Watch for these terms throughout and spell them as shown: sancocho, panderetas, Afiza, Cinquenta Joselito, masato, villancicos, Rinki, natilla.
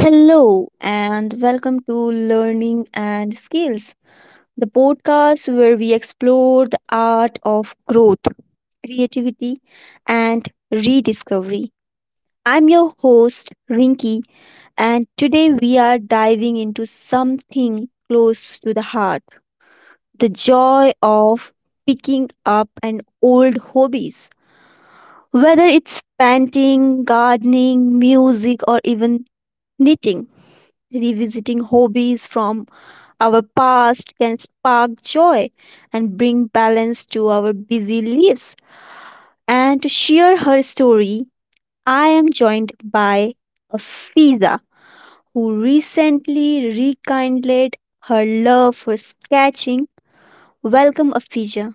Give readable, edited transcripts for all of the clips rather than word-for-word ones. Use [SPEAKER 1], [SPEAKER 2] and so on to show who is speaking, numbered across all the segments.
[SPEAKER 1] Hello, and welcome to Learning and Skills, the podcast where we explore the art of growth, creativity, and rediscovery. I'm your host, Rinki, and today we are diving into something close to the heart, the joy of picking up an old hobbies. Whether it's painting, gardening, music, or even knitting, revisiting hobbies from our past can spark joy and bring balance to our busy lives. And to share her story, I am joined by Afiza, who recently rekindled her love for sketching. Welcome, Afiza.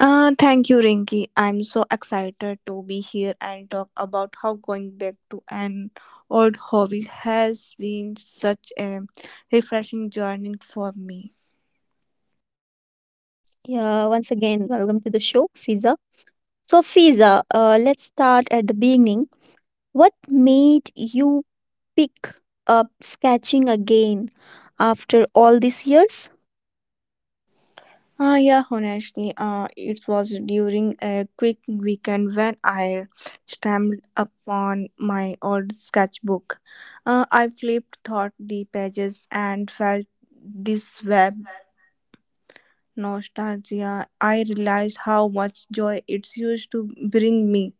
[SPEAKER 2] Thank you, Rinki. I'm so excited to be here and talk about how going back to an old hobby has been such a refreshing journey for me.
[SPEAKER 1] Yeah, once again, welcome to the show, Fiza. So, Fiza, let's start at the beginning. What made you pick up sketching again after all these years?
[SPEAKER 2] It was during a quick weekend when I stumbled upon my old sketchbook. I flipped through the pages and felt this web nostalgia. I realized how much joy it used to bring me.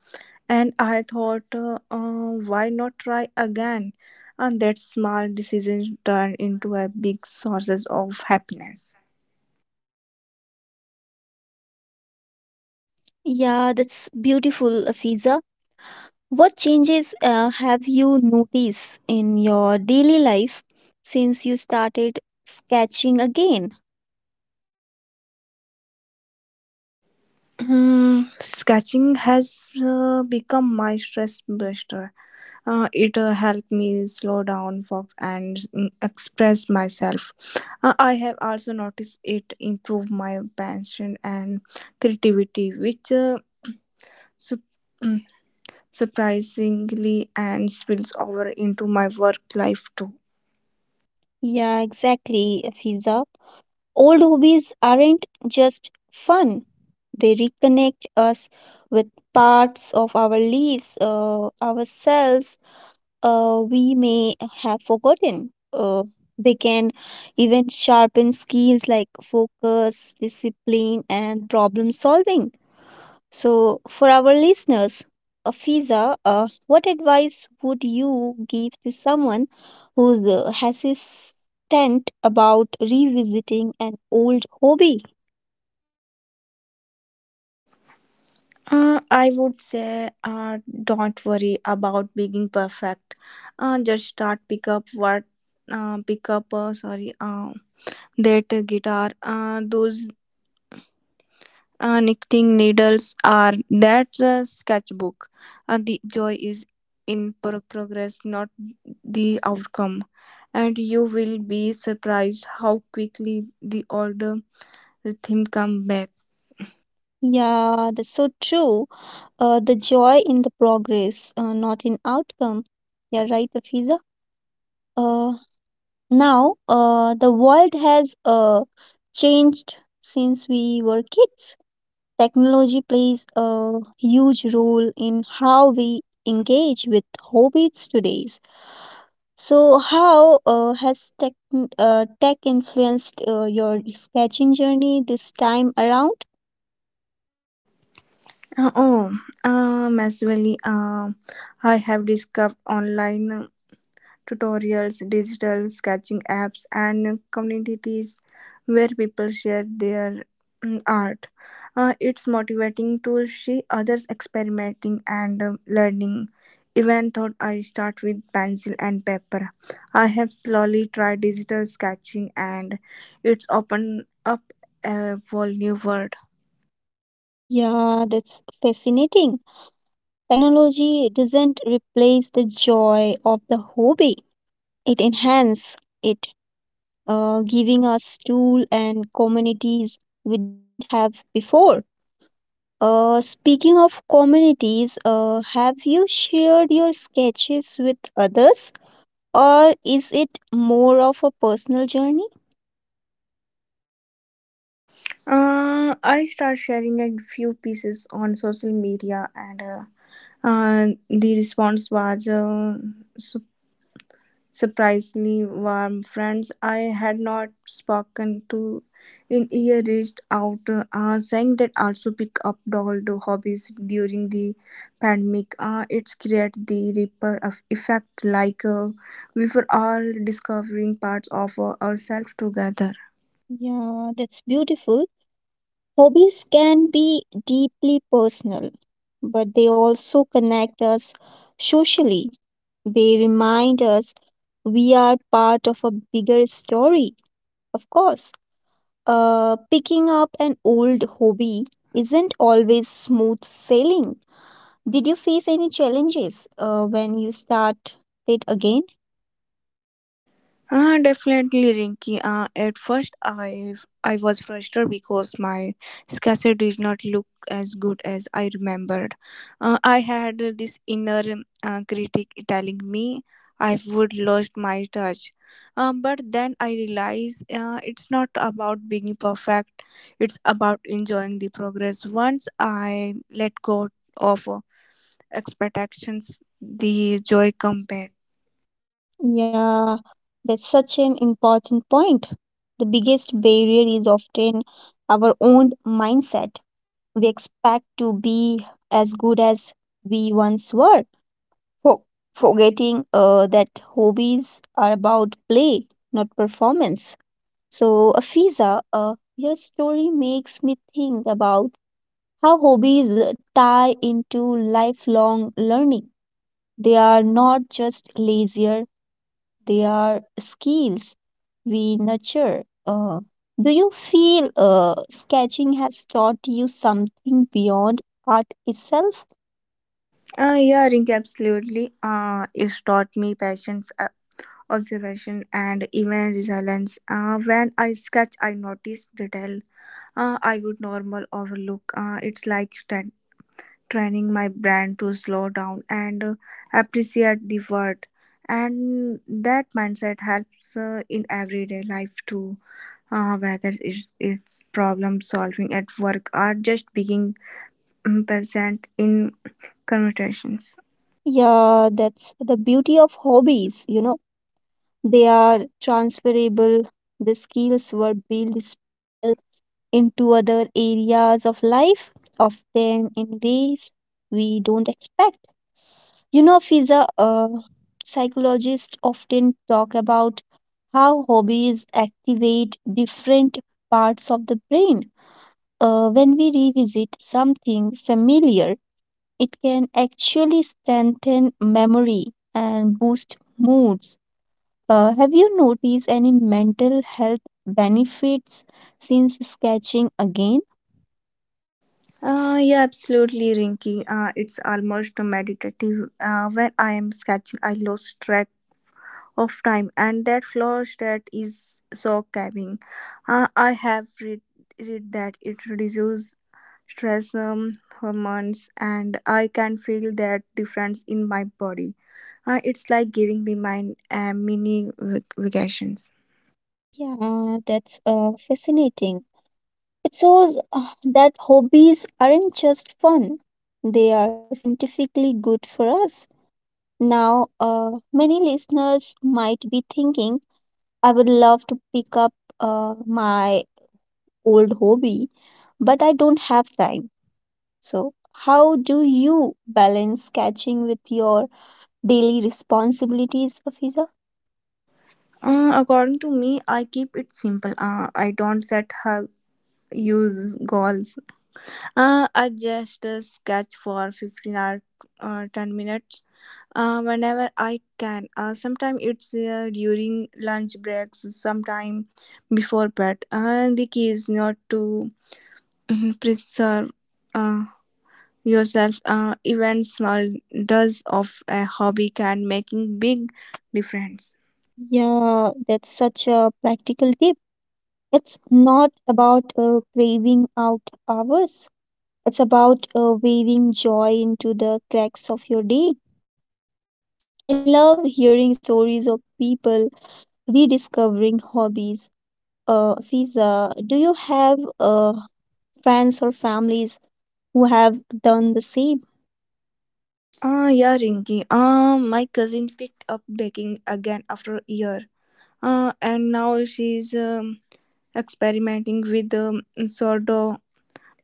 [SPEAKER 2] And I thought, why not try again? And that small decision turned into a big sources of happiness.
[SPEAKER 1] Yeah, that's beautiful, Afiza. What changes have you noticed in your daily life since you started sketching again?
[SPEAKER 2] Hmm, sketching has become my stress buster. It helped me slow down, focus, and express myself. I have also noticed it improve my passion and creativity, which sup- mm, surprisingly and spills over into my work life too.
[SPEAKER 1] Yeah, exactly, Afiza. Old hobbies aren't just fun, they reconnect us with parts of our lives, ourselves, we may have forgotten. They can even sharpen skills like focus, discipline, and problem solving. So, for our listeners, Fiza, what advice would you give to someone who's hesitant about revisiting an old hobby?
[SPEAKER 2] I would say, don't worry about being perfect. Just start pick up pick up. That guitar. Those knitting needles are that sketchbook. The joy is in progress, not the outcome. And you will be surprised how quickly the old rhythm come back.
[SPEAKER 1] Yeah, that's so true. The joy in the progress, not in outcome. Yeah, right, Fiza. Uh, Now, the world has changed since we were kids. Technology plays a huge role in how we engage with hobbies today. So, how has tech influenced your sketching journey this time around?
[SPEAKER 2] Uh, Oh, um, as well, um, I have discovered online tutorials, digital sketching apps, and communities where people share their art. It's motivating to see others experimenting and learning. Even though I start with pencil and paper, I have slowly tried digital sketching, and it's opened up a whole new world.
[SPEAKER 1] Yeah, that's fascinating. Technology doesn't replace the joy of the hobby, it enhances it, giving us tools and communities we didn't have before. Speaking of communities, have you shared your sketches with others, or is it more of a personal journey?
[SPEAKER 2] I start sharing a few pieces on social media, and the response was su- surprisingly warm. Friends I had not spoken to in year reached out, saying that also pick up old hobbies during the pandemic. It's create the ripple of effect, like we were all discovering parts of ourselves together.
[SPEAKER 1] Yeah, that's beautiful. Hobbies can be deeply personal, but they also connect us socially. They remind us we are part of a bigger story, of course. Picking up an old hobby isn't always smooth sailing. Did you face any challenges when you start it again?
[SPEAKER 2] Definitely, Rinky. At first, I was frustrated because my sketches did not look as good as I remembered. I had this inner critic telling me I would lost my touch. But then I realized it's not about being perfect. It's about enjoying the progress. Once I let go of expectations, the joy comes back.
[SPEAKER 1] Yeah, that's such an important point. The biggest barrier is often our own mindset. We expect to be as good as we once were, for forgetting that hobbies are about play, not performance. So, Afiza, your story makes me think about how hobbies tie into lifelong learning. They are not just leisure, they are skills we nurture. Do you feel sketching has taught you something beyond art itself?
[SPEAKER 2] Yeah, Rinky, absolutely. It's taught me patience, observation, and even resilience. When I sketch, I notice detail I would normal overlook. It's like training my brain to slow down and appreciate the world. And that mindset helps in everyday life too, whether it's problem solving at work or just being present in conversations.
[SPEAKER 1] Yeah, that's the beauty of hobbies, you know, they are transferable. The skills were built spell into other areas of life, often in ways we don't expect. You know, Fiza, psychologists often talk about how hobbies activate different parts of the brain. When we revisit something familiar, it can actually strengthen memory and boost moods. Have you noticed any mental health benefits since sketching again?
[SPEAKER 2] Yeah, absolutely, Rinky. It's almost meditative. When I am sketching, I lose track of time, and that flow state is so calming. I have read that it reduces stress hormones, and I can feel that difference in my body. It's like giving me my mini vacations.
[SPEAKER 1] Yeah, that's fascinating. It shows that hobbies aren't just fun, they are scientifically good for us. Now, many listeners might be thinking, I would love to pick up my old hobby, but I don't have time. So, how do you balance sketching with your daily responsibilities, Afiza?
[SPEAKER 2] According to me, I keep it simple. I don't set her use goals. I just sketch for 15 or 10 minutes whenever I can. Sometimes it's during lunch breaks, sometime before bed. The key is not to preserve uh, yourself. Even small does of a hobby can making big difference.
[SPEAKER 1] Yeah, that's such a practical tip. It's not about craving out hours. It's about weaving joy into the cracks of your day. I love hearing stories of people rediscovering hobbies. Fiza, do you have friends or families who have done the same?
[SPEAKER 2] Yeah, Rinky. My cousin picked up baking again after a year. And now she's experimenting with sourdough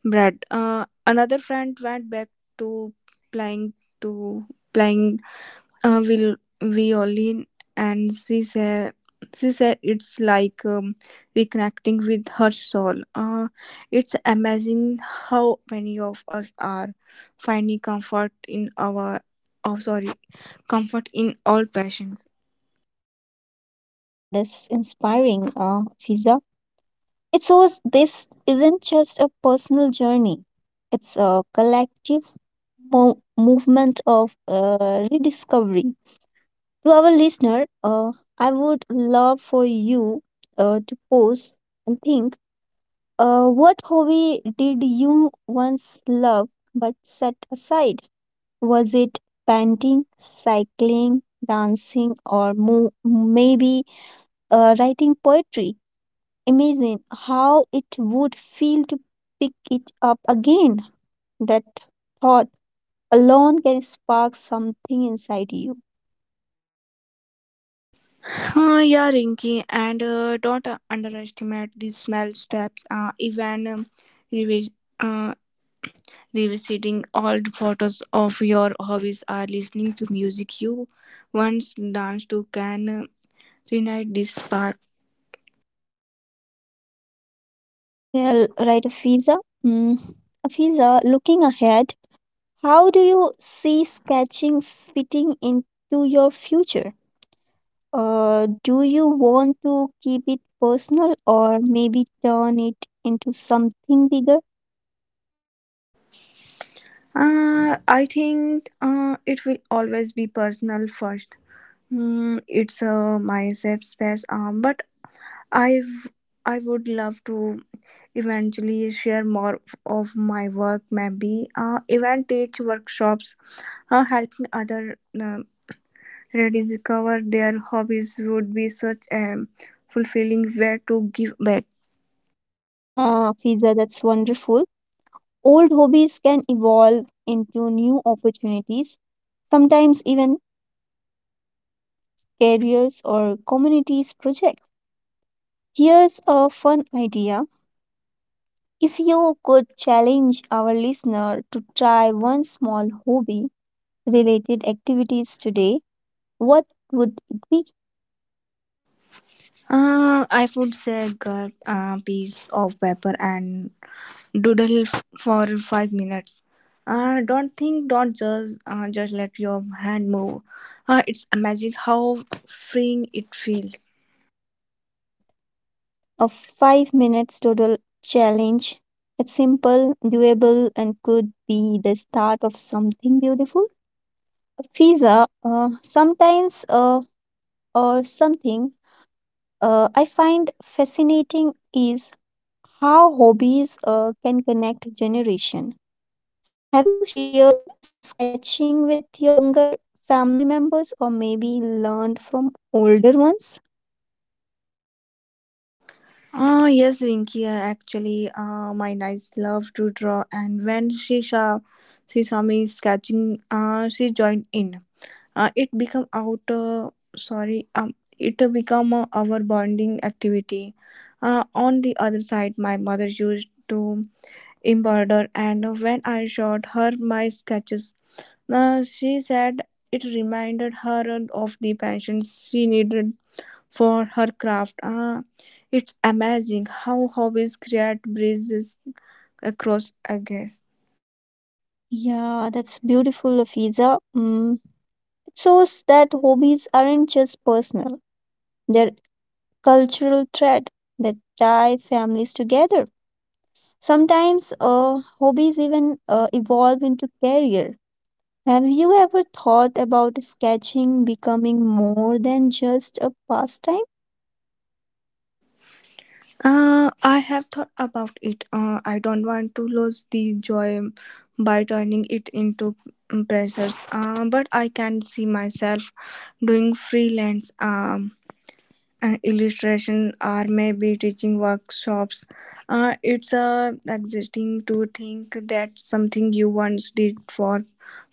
[SPEAKER 2] bread. Another friend went back to playing to playing will violin, and she said it's like reconnecting with her soul. It's amazing how many of us are finding comfort in our oh sorry comfort in all passions.
[SPEAKER 1] Yeah, that's inspiring, Fiza. It shows this isn't just a personal journey, it's a collective movement of rediscovery. To our listener, I would love for you to pause and think, what hobby did you once love but set aside? Was it painting, cycling, dancing, or maybe writing poetry? Imagine how it would feel to pick it up again. That thought alone can spark something inside you.
[SPEAKER 2] Yeah, Rinky, and don't underestimate the small steps. Even revi- uh, revisiting old photos of your hobbies or listening to music you once danced to can reignite this spark.
[SPEAKER 1] Yeah, right, Fiza. Mm. Fiza, looking ahead, how do you see sketching fitting into your future? Do you want to keep it personal or maybe turn it into something bigger?
[SPEAKER 2] I think it will always be personal first. It's a mindset space, but I've I would love to eventually share more of my work, maybe even teach workshops, helping other rediscover their hobbies would be such a fulfilling way to give back.
[SPEAKER 1] Yeah, Fiza, that's wonderful. Old hobbies can evolve into new opportunities, sometimes even careers or communities project. Here's a fun idea. If you could challenge our listener to try one small hobby related activities today, what would it be?
[SPEAKER 2] I would say get a piece of paper and doodle for 5 minutes. Don't think, don't judge, just let your hand move. It's amazing how freeing it feels.
[SPEAKER 1] Yeah, I love that. A 5 minutes total challenge. It's simple, doable and could be the start of something beautiful. Fiza, sometimes or something I find fascinating is how hobbies can connect generation. Have you shared sketching with younger family members or maybe learned from older ones?
[SPEAKER 2] Yes, Rinki. Actually, my niece loved to draw, and she saw me sketching, she joined in. It become out. Sorry, um, it become our bonding activity. On the other side, my mother used to embroider, and when I showed her my sketches, she said it reminded her of the passion she needed for her craft. It's amazing how hobbies create bridges across a guest.
[SPEAKER 1] Yeah, that's beautiful, Afiza. Mm. It shows that hobbies aren't just personal, they're cultural thread that tie families together. Sometimes hobbies even evolve into career. Have you ever thought about sketching becoming more than just a pastime?
[SPEAKER 2] I have thought about it. I don't want to lose the joy by turning it into pressures. But I can see myself doing freelance illustration or maybe teaching workshops. It's exciting to think that something you once did for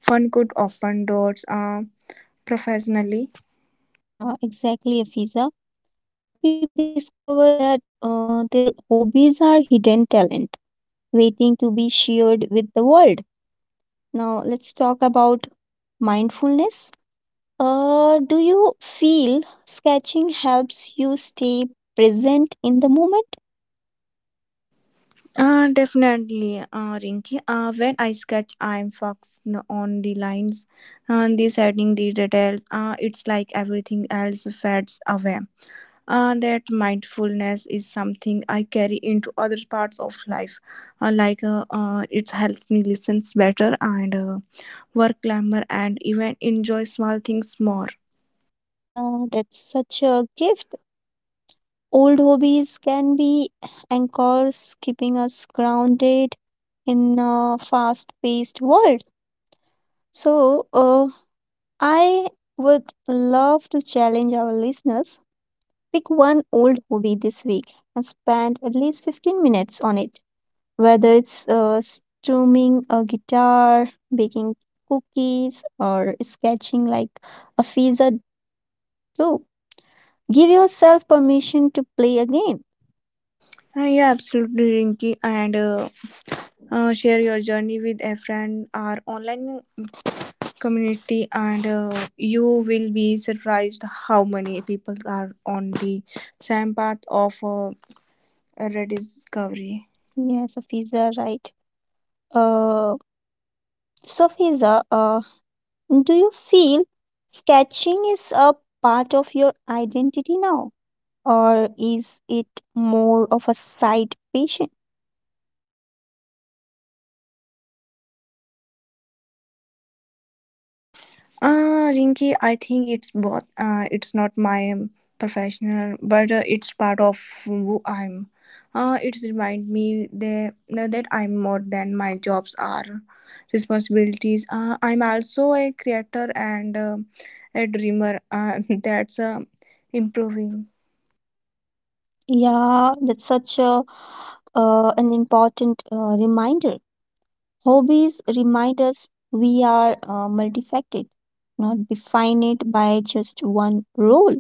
[SPEAKER 2] fun could open doors. Professionally?
[SPEAKER 1] Yeah, exactly, Afiza. Many people discover that their hobbies are hidden talent waiting to be shared with the world. Now, let's talk about mindfulness. Do you feel sketching helps you stay present in the moment?
[SPEAKER 2] Definitely, Rinki. When I sketch, I'm focused on the lines, on the setting, the details. It's like everything else fades away. That mindfulness is something I carry into other parts of life. It helps me listen better and work calmer and even enjoy small things more.
[SPEAKER 1] Yeah, that's such a gift. Old hobbies can be anchors, keeping us grounded in a fast paced world. So, I would love to challenge our listeners. Pick one old hobby this week and spend at least 15 minutes on it. Whether it's strumming a guitar, baking cookies, or sketching like a Fiza do. Give yourself permission to play a game.
[SPEAKER 2] Yeah, absolutely, Rinki. And share your journey with a friend or online community and you will be surprised how many people are on the same path of rediscovery.
[SPEAKER 1] Yes, a Fiza, right. Uh, so, Fiza, do you feel sketching is a part of your identity now? Or is it more of a side patient?
[SPEAKER 2] Rinky, I think it's both. It's not my professional but it's part of who I'm. It reminds me that I'm more than my jobs are responsibilities. I'm also a creator and a dreamer. That's improving.
[SPEAKER 1] Yeah, that's such a an important reminder. Hobbies remind us we are multifaceted, not defined by just one role.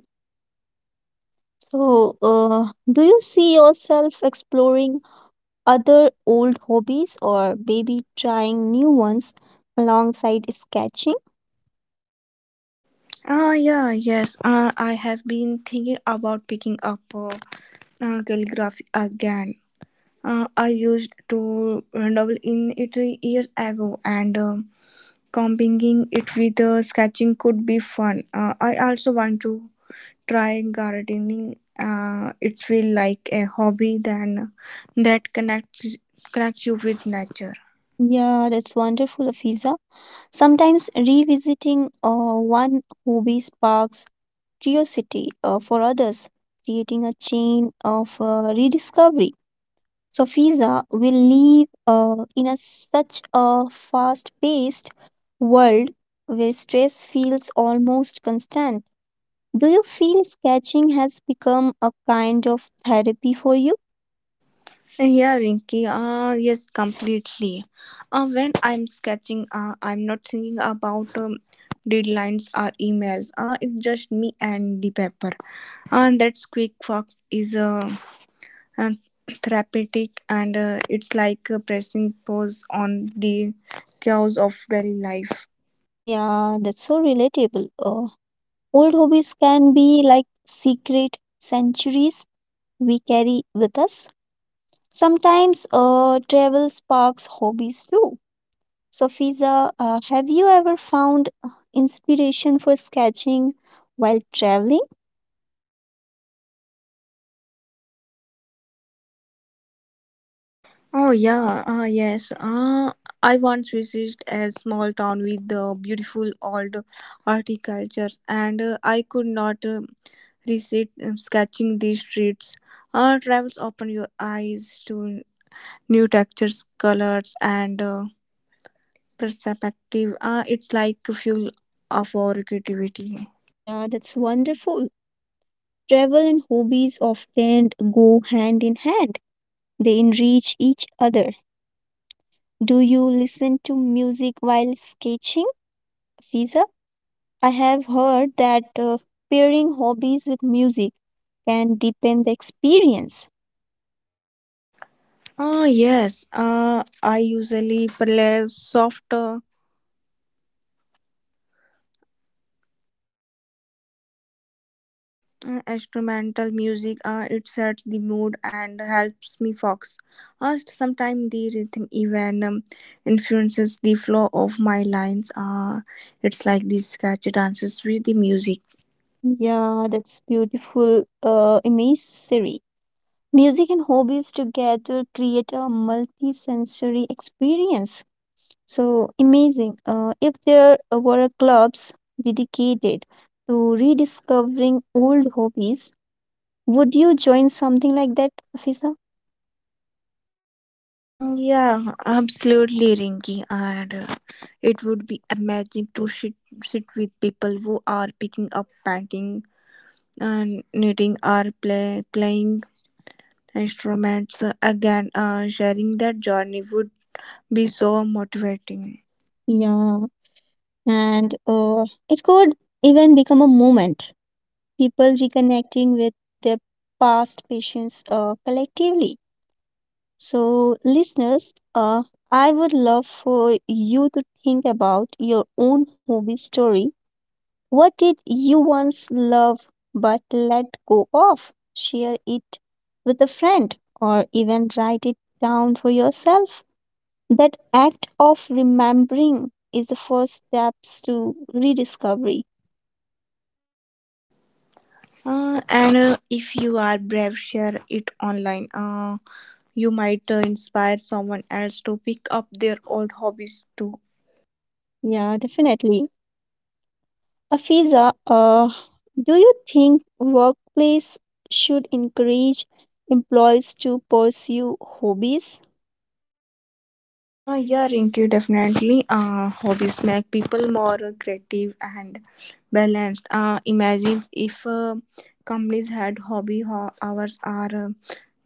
[SPEAKER 1] So, do you see yourself exploring other old hobbies or maybe trying new ones alongside sketching?
[SPEAKER 2] Yeah, yes. I have been thinking about picking up calligraphy again. I used to dabble in it years ago, and combining it with sketching could be fun. I also want to try gardening. It feels like a hobby then that connects you with nature.
[SPEAKER 1] Yeah, that's wonderful, Afiza. Sometimes revisiting one hobby sparks curiosity for others, creating a chain of rediscovery. So, FISA will live such a fast paced world where stress feels almost constant. Do you feel sketching has become a kind of therapy for you?
[SPEAKER 2] Yeah, Rinky. Yes, completely. When I'm sketching, I'm not thinking about deadlines or emails. It's just me and the paper. And that quick fox is uh, therapeutic, and it's like pressing pause on the chaos of daily life.
[SPEAKER 1] Yeah, that's so relatable. Old hobbies can be like secret sanctuaries we carry with us. Sometimes travel sparks hobbies too. So, Fiza, have you ever found inspiration for sketching while traveling?
[SPEAKER 2] Oh yeah, yes. I once visited a small town with the beautiful old horticulture, and I could not. Reset sketching these streets. Travels open your eyes to new textures, colors, and perspective. It's like fuel of our creativity.
[SPEAKER 1] Yeah, that's wonderful. Travel and hobbies often go hand in hand, they enrich each other. Do you listen to music while sketching, Fiza? I have heard that pairing hobbies with music can deepen the experience.
[SPEAKER 2] Yes, I usually play soft instrumental music. It sets the mood and helps me focus. Sometimes the rhythm even influences the flow of my lines. It's like the sketch dances with the music.
[SPEAKER 1] Yeah, that's beautiful imagery. Music and hobbies together create a multi-sensory experience. So amazing. If there were clubs dedicated to rediscovering old hobbies, would you join something like that, Afisa?
[SPEAKER 2] Yeah, absolutely, Rinky. And it would be amazing to sit with people who are picking up painting and knitting or playing instruments again. Sharing that journey would be so motivating.
[SPEAKER 1] Yeah, and it could even become a movement. People reconnecting with their past passions collectively. So, listeners, I would love for you to think about your own hobby story. What did you once love but let go of? Share it with a friend or even write it down for yourself. That act of remembering is the first steps to rediscovery.
[SPEAKER 2] And if you are brave, share it online. You might inspire someone else to pick up their old hobbies too.
[SPEAKER 1] Yeah, definitely. Afiza, do you think workplace should encourage employees to pursue hobbies?
[SPEAKER 2] Yeah, Rinky, definitely. Hobbies make people more creative and balanced. Imagine if companies had hobby hours or uh,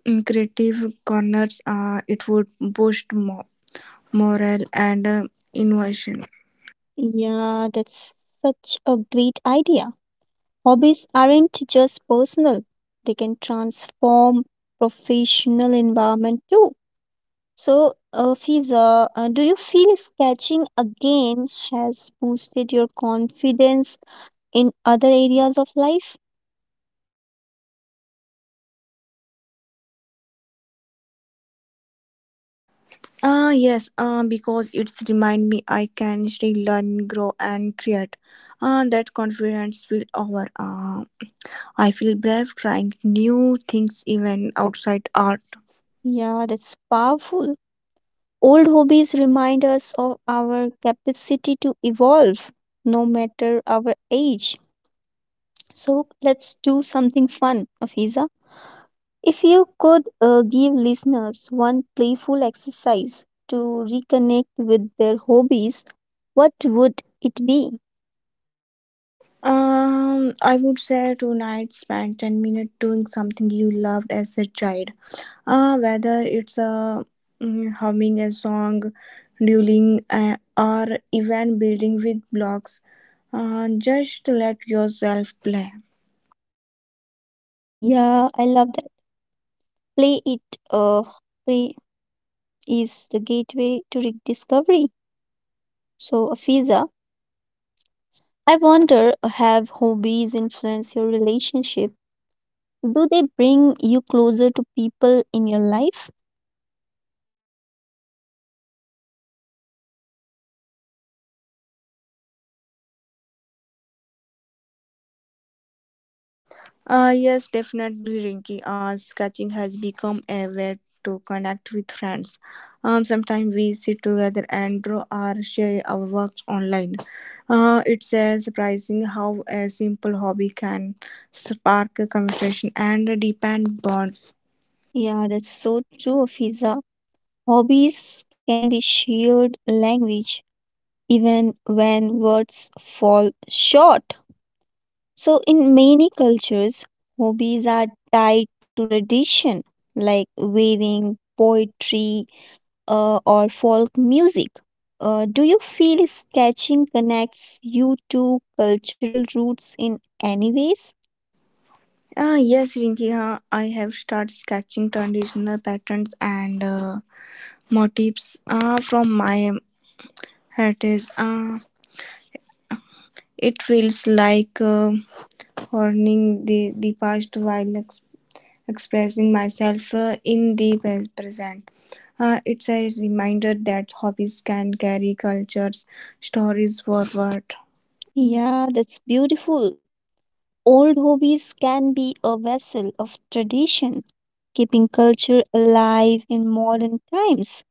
[SPEAKER 2] mm, creative corners, it would boost morale and innovation.
[SPEAKER 1] Yeah, that's such a great idea. Hobbies aren't just personal, they can transform professional environment too. So, Fiza, do you feel sketching again has boosted your confidence in other areas of life?
[SPEAKER 2] Yes, because it's remind me I can still learn, grow, and create. That confidence will over. I feel brave trying new things even outside art.
[SPEAKER 1] Yeah, that's powerful. Old hobbies remind us of our capacity to evolve no matter our age. So let's do something fun, Afiza. If you could give listeners one playful exercise to reconnect with their hobbies, what would it be?
[SPEAKER 2] I would say tonight spend 10 minutes doing something you loved as a child. Whether it's a humming a song, doodling, or even building with blocks. Just let yourself play.
[SPEAKER 1] Yeah, I love that. Play it. Uh, play is the gateway to rediscovery. So, Afiza, I wonder, have hobbies influence your relationship? Do they bring you closer to people in your life?
[SPEAKER 2] Yes, definitely, Rinky. Sketching has become a way to connect with friends. Sometimes we sit together and draw or share our works online. It's surprising how a simple hobby can spark a conversation and deepen bonds.
[SPEAKER 1] Yeah, that's so true, Fiza. Hobbies can be shared language even when words fall short. So, in many cultures, hobbies are tied to tradition like weaving, poetry, or folk music. Do you feel sketching connects you to cultural roots in any ways?
[SPEAKER 2] Yes, Rinki. I have started sketching traditional patterns and motifs from my heritage. It feels like honoring the past while expressing myself in the present. It's a reminder that hobbies can carry cultures, stories forward.
[SPEAKER 1] Yeah, that's beautiful. Old hobbies can be a vessel of tradition, keeping culture alive in modern times.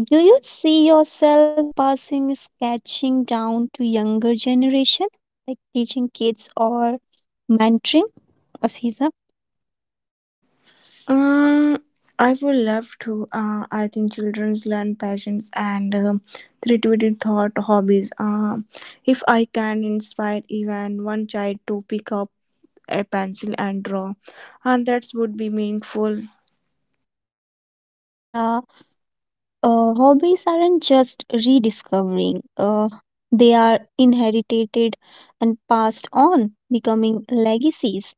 [SPEAKER 1] Do you see yourself passing sketching down to younger generation, like teaching kids or mentoring, Afiza?
[SPEAKER 2] Uh, I would love to. I think children learn passions and creativity thought hobbies. If I can inspire even one child to pick up a pencil and draw, and that would be meaningful.
[SPEAKER 1] Yeah, hobbies aren't just rediscovering. They are inherited and passed on, becoming legacies.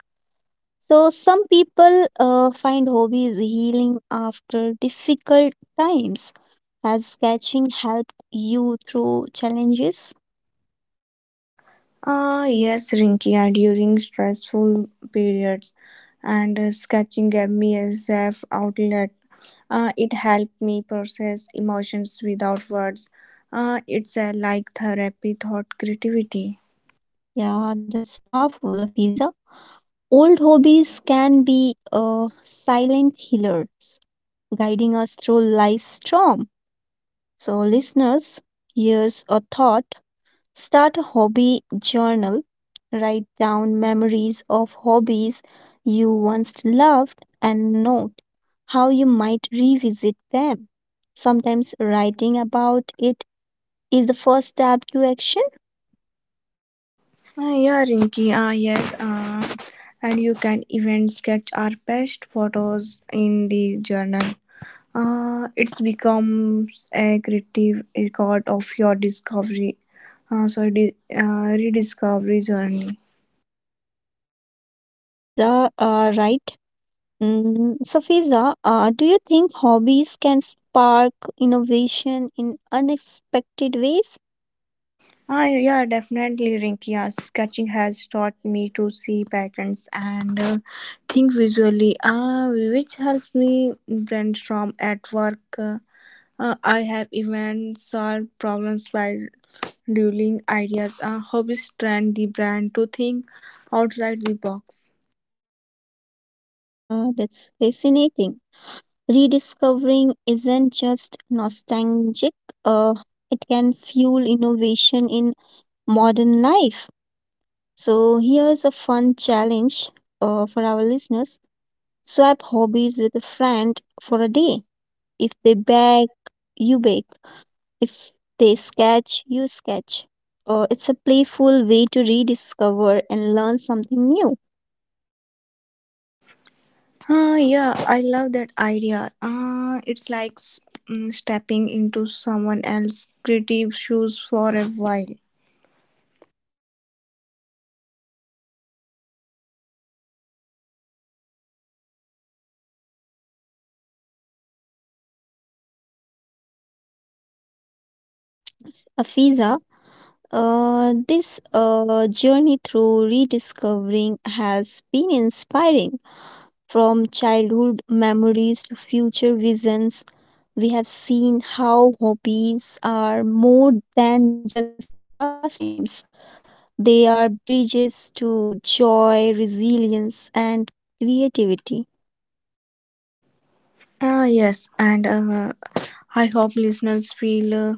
[SPEAKER 1] So some people find hobbies healing after difficult times. Has sketching helped you through challenges?
[SPEAKER 2] Yes, Rinky, and during stressful periods, and sketching gave me a safe outlet. It helped me process emotions without words. It's like therapy, thought, creativity.
[SPEAKER 1] Yeah, that's powerful, Fiza. Old hobbies can be silent healers, guiding us through life's storm. So, listeners, here's a thought. Start a hobby journal. Write down memories of hobbies you once loved and note how you might revisit them. Sometimes writing about it is the first step to action.
[SPEAKER 2] Yeah, Rinky, yes. And you can even sketch our best photos in the journal. It's becomes a creative record of your discovery, rediscovery journey.
[SPEAKER 1] Fiza, right? Mm, so, Fiza, do you think hobbies can spark innovation in unexpected ways?
[SPEAKER 2] Yeah, definitely, Rinky. Yeah, sketching has taught me to see patterns and think visually, which helps me brainstorm at work. I have even solved problems by dueling ideas. Hobbies train the brain to think outside the box.
[SPEAKER 1] Yeah, that's fascinating. Rediscovering isn't just nostalgic, uh, it can fuel innovation in modern life. So, here's a fun challenge for our listeners, swap hobbies with a friend for a day. If they bake, you bake. If they sketch, you sketch. It's a playful way to rediscover and learn something new.
[SPEAKER 2] Yeah, I love that idea. It's like stepping into someone else's creative shoes for a while.
[SPEAKER 1] Afiza, this journey through rediscovering has been inspiring. From childhood memories to future visions, we have seen how hobbies are more than just pastimes. They are bridges to joy, resilience, and creativity.
[SPEAKER 2] Yes, and I hope listeners feel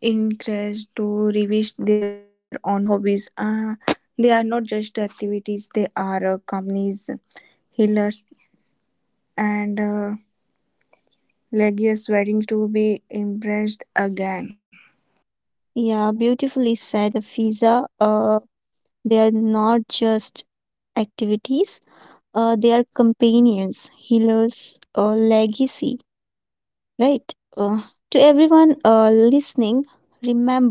[SPEAKER 2] encouraged to revisit their own hobbies. They are not just activities, they are companies, healers, and legacies waiting to be embraced again.
[SPEAKER 1] Yeah, beautifully said, Fiza. They are not just activities, they are companions, healers, legacy, right? To everyone listening, remember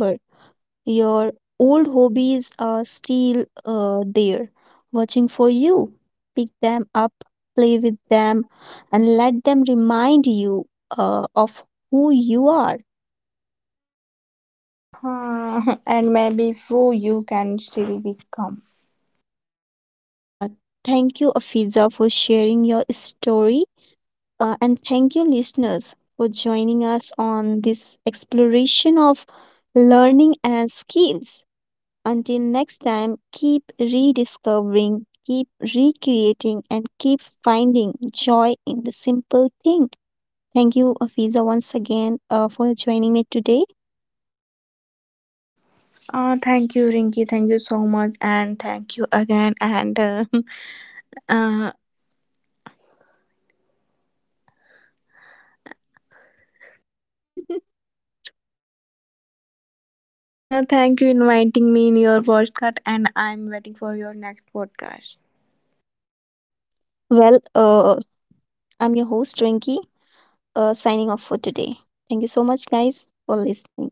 [SPEAKER 1] your old hobbies are still there, watching for you. Pick them up, play with them, and let them remind you of who you are.
[SPEAKER 2] And maybe for you can still become.
[SPEAKER 1] Yeah, thank you, Afiza, for sharing your story, and thank you, listeners, for joining us on this exploration of learning and skills. Until next time, keep rediscovering, keep recreating, and keep finding joy in the simple thing. Thank you, Afiza, once again for joining me today.
[SPEAKER 2] Thank you, Rinky. Thank you so much, and thank you again. And uh, Thank you inviting me in your podcast, and I'm waiting for your next podcast.
[SPEAKER 1] Well, I'm your host, Rinky, signing off for today. Thank you so much, guys, for listening.